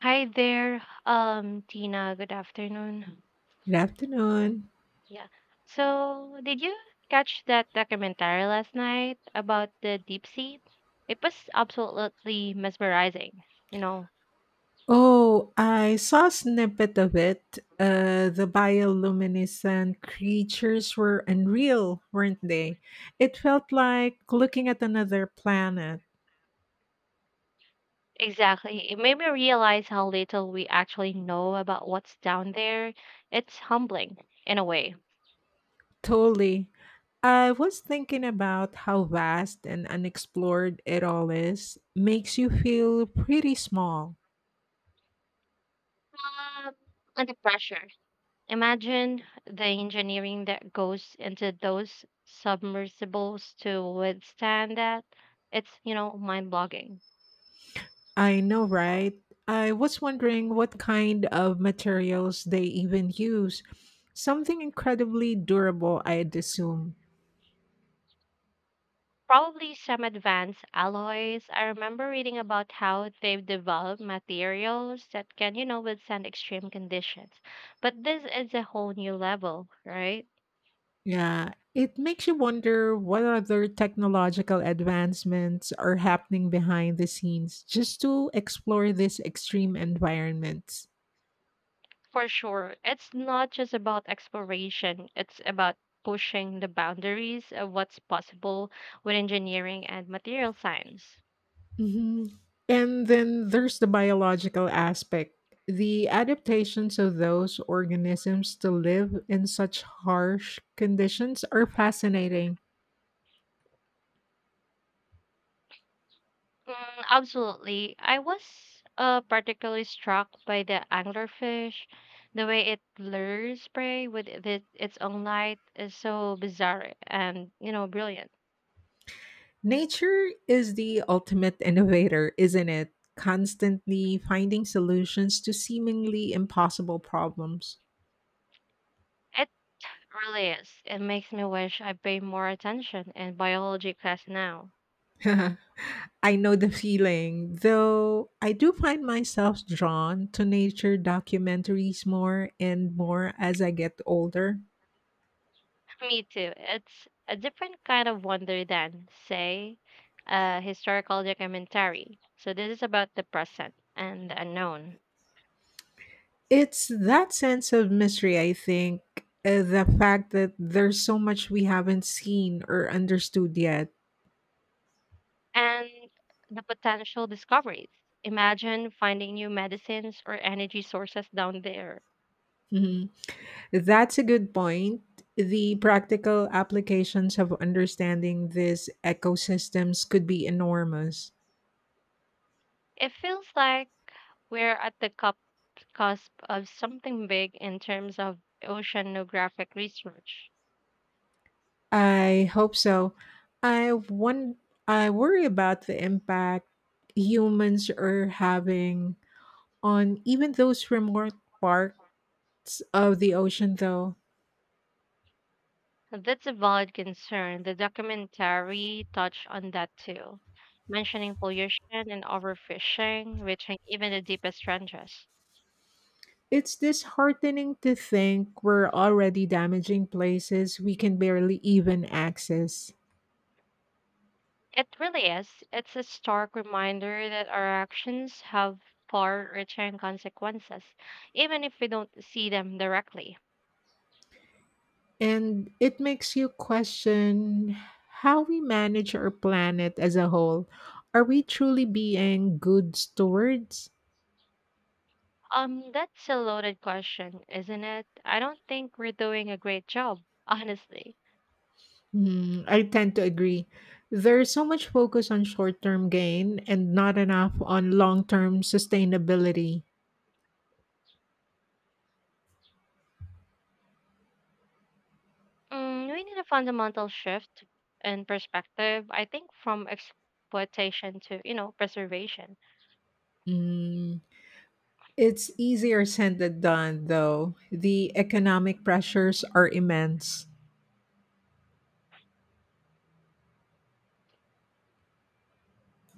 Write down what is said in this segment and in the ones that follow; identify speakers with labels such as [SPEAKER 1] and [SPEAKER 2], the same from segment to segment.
[SPEAKER 1] Hi there, Tina. Good afternoon.
[SPEAKER 2] Good afternoon.
[SPEAKER 1] Yeah. So, did you catch that documentary last night about the deep sea? It was absolutely mesmerizing, you know.
[SPEAKER 2] Oh, I saw a snippet of it. The bioluminescent creatures were unreal, weren't they? It felt like looking at another planet.
[SPEAKER 1] Exactly. It made me realize how little we actually know about what's down there. It's humbling in a way.
[SPEAKER 2] Totally. I was thinking about how vast and unexplored it all is. Makes you feel pretty small.
[SPEAKER 1] Um, and the pressure. Imagine the engineering that goes into those submersibles to withstand that. It's mind blogging.
[SPEAKER 2] I know, right? I was wondering what kind of materials they even use. Something incredibly durable, I'd assume.
[SPEAKER 1] Probably some advanced alloys. I remember reading about how they've developed materials that can, withstand extreme conditions. But this is a whole new level, right?
[SPEAKER 2] Yeah, it makes you wonder what other technological advancements are happening behind the scenes just to explore this extreme environment.
[SPEAKER 1] For sure. It's not just about exploration, it's about pushing the boundaries of what's possible with engineering and material science.
[SPEAKER 2] Hmm. And then there's the biological aspect, the adaptations of those organisms to live in such harsh conditions are fascinating.
[SPEAKER 1] Mm, absolutely. I was particularly struck by the anglerfish. The way it lures prey with it, its own light is so bizarre and, brilliant.
[SPEAKER 2] Nature is the ultimate innovator, isn't it? Constantly finding solutions to seemingly impossible problems.
[SPEAKER 1] It really is. It makes me wish I pay more attention in biology class now.
[SPEAKER 2] I know the feeling, though I do find myself drawn to nature documentaries more and more as I get older.
[SPEAKER 1] Me too. It's a different kind of wonder than, say, a historical documentary. So this is about the present and the unknown.
[SPEAKER 2] It's that sense of mystery, I think, the fact that there's so much we haven't seen or understood yet.
[SPEAKER 1] And the potential discoveries. Imagine finding new medicines or energy sources down there.
[SPEAKER 2] Mhm. That's a good point. The practical applications of understanding these ecosystems could be enormous.
[SPEAKER 1] It feels like we're at the cusp of something big in terms of oceanographic research.
[SPEAKER 2] I hope so. I one I worry about the impact humans are having on even those remote parts of the ocean though.
[SPEAKER 1] That's a valid concern. The documentary touched on that too, mentioning pollution and overfishing, reaching even the deepest trenches.
[SPEAKER 2] It's disheartening to think we're already damaging places we can barely even access.
[SPEAKER 1] It really is. It's a stark reminder that our actions have far-reaching consequences, even if we don't see them directly.
[SPEAKER 2] And it makes you question how we manage our planet as a whole. Are we truly being good stewards?
[SPEAKER 1] That's a loaded question, isn't it? I don't think we're doing a great job, honestly.
[SPEAKER 2] Mm, I tend to agree. There's so much focus on short term gain and not enough on long term sustainability.
[SPEAKER 1] Mm, we need a fundamental shift in perspective, I think, from exploitation to, preservation.
[SPEAKER 2] Mm, it's easier said than done, though. The economic pressures are immense.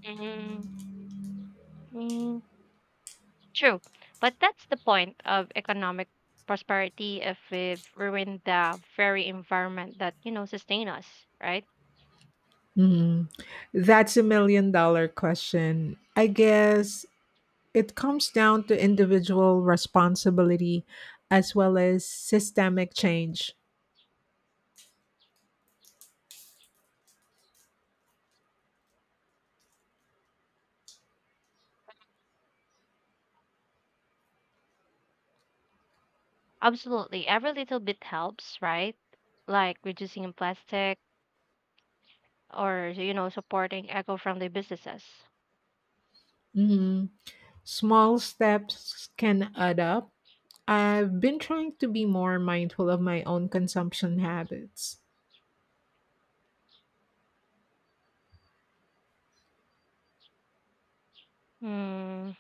[SPEAKER 1] Mm, mm, True, but that's the point of economic prosperity if we've ruined the very environment that, sustain us, right?
[SPEAKER 2] Mm, that's a million dollar question. I guess it comes down to individual responsibility as well as systemic change.
[SPEAKER 1] Absolutely. Every little bit helps, right? Like reducing plastic or, supporting eco-friendly businesses.
[SPEAKER 2] Mhm. Small steps can add up. I've been trying to be more mindful of my own consumption habits.
[SPEAKER 1] Hmm.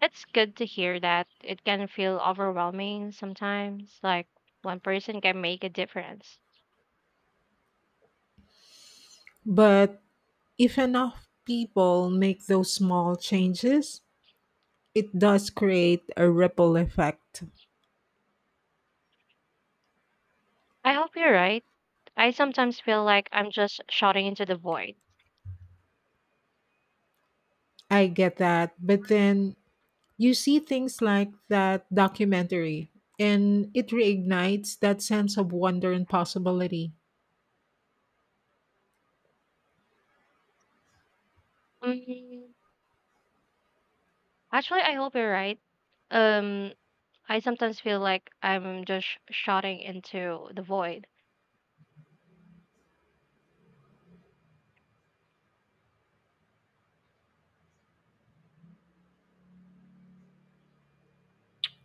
[SPEAKER 1] It's good to hear that it can feel overwhelming sometimes, like one person can make a difference.
[SPEAKER 2] But if enough people make those small changes, it does create a ripple effect.
[SPEAKER 1] I hope you're right. I sometimes feel like I'm just shouting into the void.
[SPEAKER 2] I get that. But then you see things like that documentary, and it reignites that sense of wonder and possibility.
[SPEAKER 1] Mm, actually, I hope you're right. Um, I sometimes feel like I'm just shouting into the void.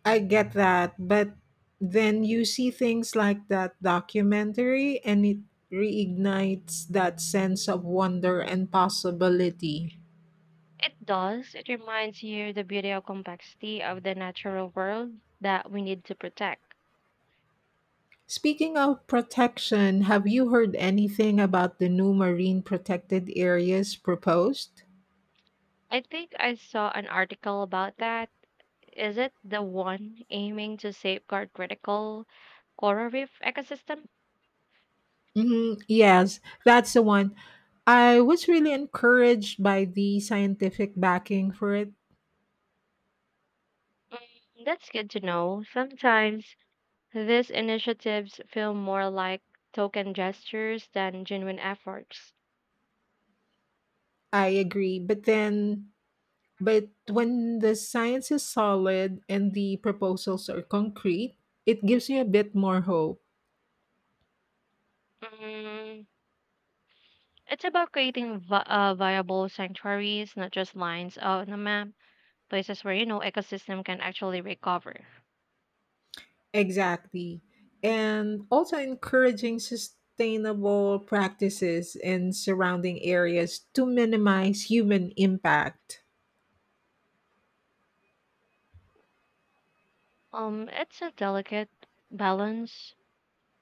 [SPEAKER 2] I get that, but then you see things like that documentary, and it reignites that sense of wonder and possibility.
[SPEAKER 1] It does. It reminds you the beauty of complexity of the natural world that we need to protect.
[SPEAKER 2] Speaking of protection, have you heard anything about the new marine protected areas proposed?
[SPEAKER 1] I think I saw an article about that. Is it the one aiming to safeguard critical coral reef ecosystem? Mm,
[SPEAKER 2] Hmm. Yes, that's the one. I was really encouraged by the scientific backing for it.
[SPEAKER 1] that's good to know. Sometimes these initiatives feel more like token gestures than genuine efforts.
[SPEAKER 2] I agree. But when the science is solid and the proposals are concrete, it gives you a bit more hope.
[SPEAKER 1] Mm, it's about creating viable sanctuaries, not just lines on a map, places where ecosystem can actually recover.
[SPEAKER 2] Exactly. And also encouraging sustainable practices in surrounding areas to minimize human impact.
[SPEAKER 1] It's a delicate balance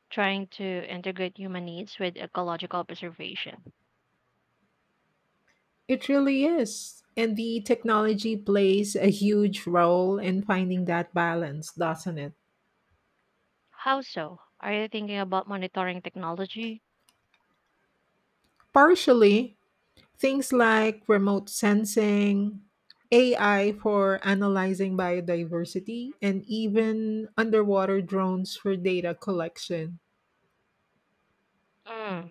[SPEAKER 1] trying to integrate human needs with ecological preservation.
[SPEAKER 2] It really is. And the technology plays a huge role in finding that balance, doesn't it?
[SPEAKER 1] How so? Are you thinking about monitoring technology?
[SPEAKER 2] Partially, things like remote sensing, AI for analyzing biodiversity, and even underwater drones for data collection.
[SPEAKER 1] Mm,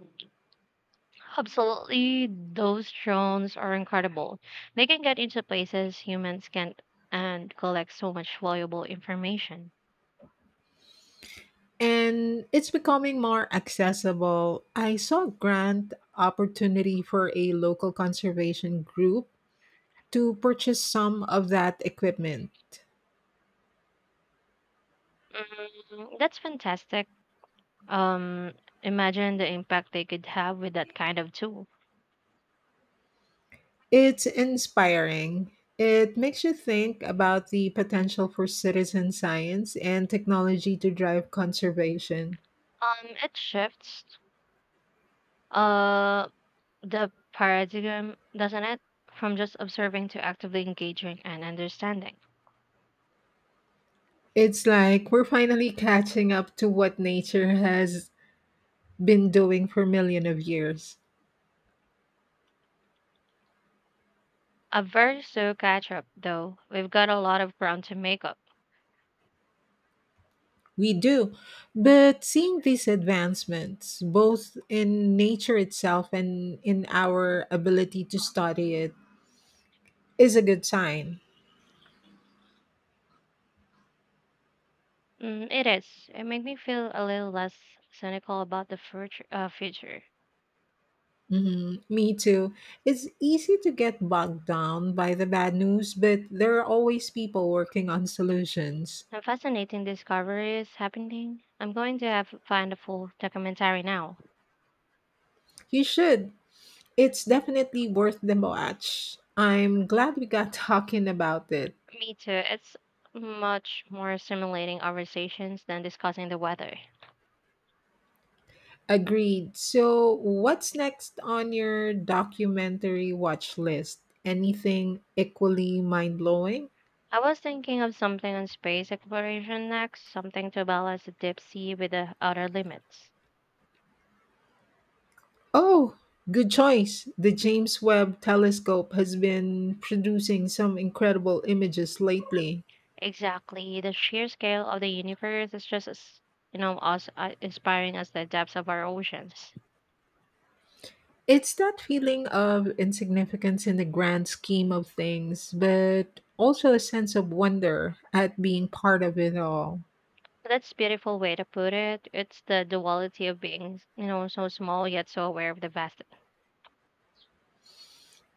[SPEAKER 1] absolutely. Those drones are incredible. They can get into places humans can't and collect so much valuable information.
[SPEAKER 2] And it's becoming more accessible. I saw a grant opportunity for a local conservation group to purchase some of that equipment.
[SPEAKER 1] Mm, that's fantastic. Um, Imagine the impact they could have with that kind of tool.
[SPEAKER 2] It's inspiring. It makes you think about the potential for citizen science and technology to drive conservation.
[SPEAKER 1] It shifts uh the paradigm, doesn't it? From just observing to actively engaging and understanding.
[SPEAKER 2] It's like we're finally catching up to what nature has been doing for millions of years.
[SPEAKER 1] A very slow catch up, though. We've got a lot of ground to make up.
[SPEAKER 2] We do. But seeing these advancements, both in nature itself and in our ability to study it, is a good sign.
[SPEAKER 1] Mm, it is. It made me feel a little less cynical about the future.
[SPEAKER 2] Mhm. Me too. It's easy to get bogged down by the bad news, but there are always people working on solutions.
[SPEAKER 1] A fascinating discovery is happening. I'm going to have find a full documentary now.
[SPEAKER 2] You should. It's definitely worth the watch. I'm glad we got talking about it.
[SPEAKER 1] Me too. It's much more stimulating conversations than discussing the weather.
[SPEAKER 2] Agreed. So, what's next on your documentary watch list? Anything equally mind blowing?
[SPEAKER 1] I was thinking of something on space exploration next, something to balance the deep sea with the outer limits.
[SPEAKER 2] Oh, good choice. The James Webb Telescope has been producing some incredible images lately.
[SPEAKER 1] Exactly, the sheer scale of the universe is just as, as inspiring as the depths of our oceans.
[SPEAKER 2] It's that feeling of insignificance in the grand scheme of things, but also a sense of wonder at being part of it all.
[SPEAKER 1] That's a beautiful way to put it. It's the duality of being, so small yet so aware of the vast.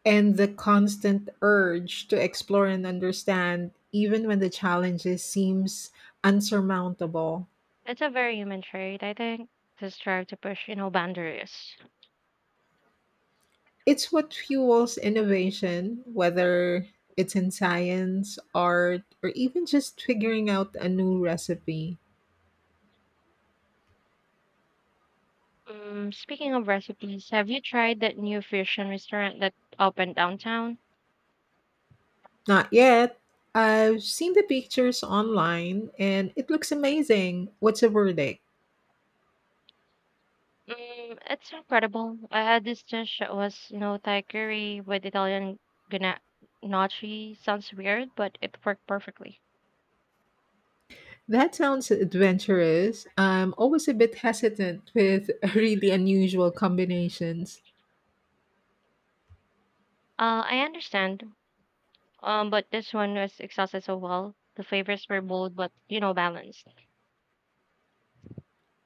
[SPEAKER 2] And the constant urge to explore and understand, even when the challenges seems unsurmountable.
[SPEAKER 1] It's a very human trait, I think, to strive to push, boundaries.
[SPEAKER 2] It's what fuels innovation, whether it's in science, art, or even just figuring out a new recipe.
[SPEAKER 1] Speaking of recipes, have you tried that new fusion restaurant that opened downtown?
[SPEAKER 2] Not yet. I've seen the pictures online and it looks amazing. What's the verdict?
[SPEAKER 1] Mm, it's incredible. I had this dish that was, Thai curry with Italian gna- gnocchi. Sounds weird, but it worked perfectly.
[SPEAKER 2] That sounds adventurous. I'm always a bit hesitant with really unusual combinations.
[SPEAKER 1] I understand. But this one was exhausted so well. The flavors were bold, but balanced.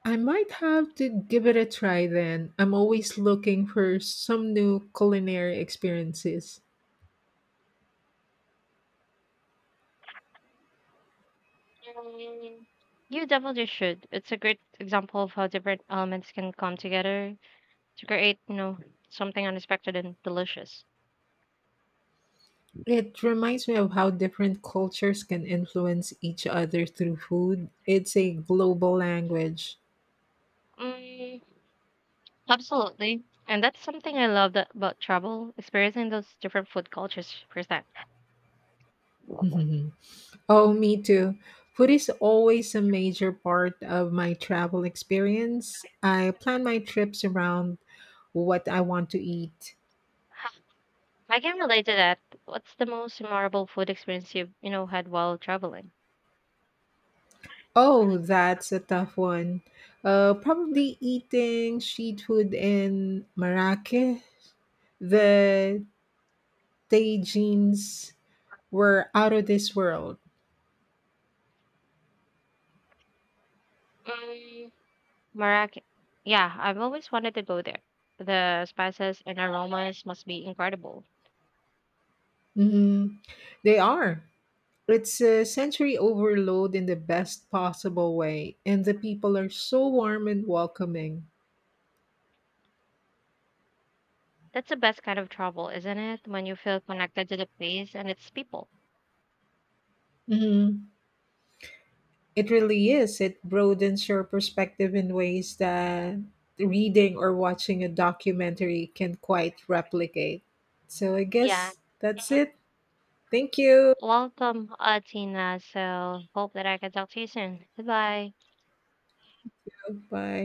[SPEAKER 2] I might have to give it a try then. I'm always looking for some new culinary experiences.
[SPEAKER 1] Mm, you definitely should. It's a great example of how different elements can come together to create, something unexpected and delicious.
[SPEAKER 2] It reminds me of how different cultures can influence each other through food. It's a global language.
[SPEAKER 1] Mm, absolutely. And that's something I love that, about travel, experiencing those different food cultures firsthand.
[SPEAKER 2] Oh, me too. Food is always a major part of my travel experience. I plan my trips around what I want to eat.
[SPEAKER 1] I can relate to that. What's the most memorable food experience you've had while traveling?
[SPEAKER 2] Oh, that's a tough one. Probably eating street food in Marrakech. The tagines were out of this world.
[SPEAKER 1] Um, Marrakech. Yeah, I've always wanted to go there. The spices and aromas must be incredible.
[SPEAKER 2] Hmm. They are. It's a sensory overload in the best possible way, and the people are so warm and welcoming.
[SPEAKER 1] That's the best kind of travel, isn't it? When you feel connected to the place and its people.
[SPEAKER 2] Mhm. It really is. It broadens your perspective in ways that reading or watching a documentary can quite replicate. So I
[SPEAKER 1] Yeah.
[SPEAKER 2] guess that's
[SPEAKER 1] Mm-hmm.
[SPEAKER 2] it. Thank you.
[SPEAKER 1] Welcome, Atina. So, hope that I can talk to you soon. Goodbye.
[SPEAKER 2] Bye.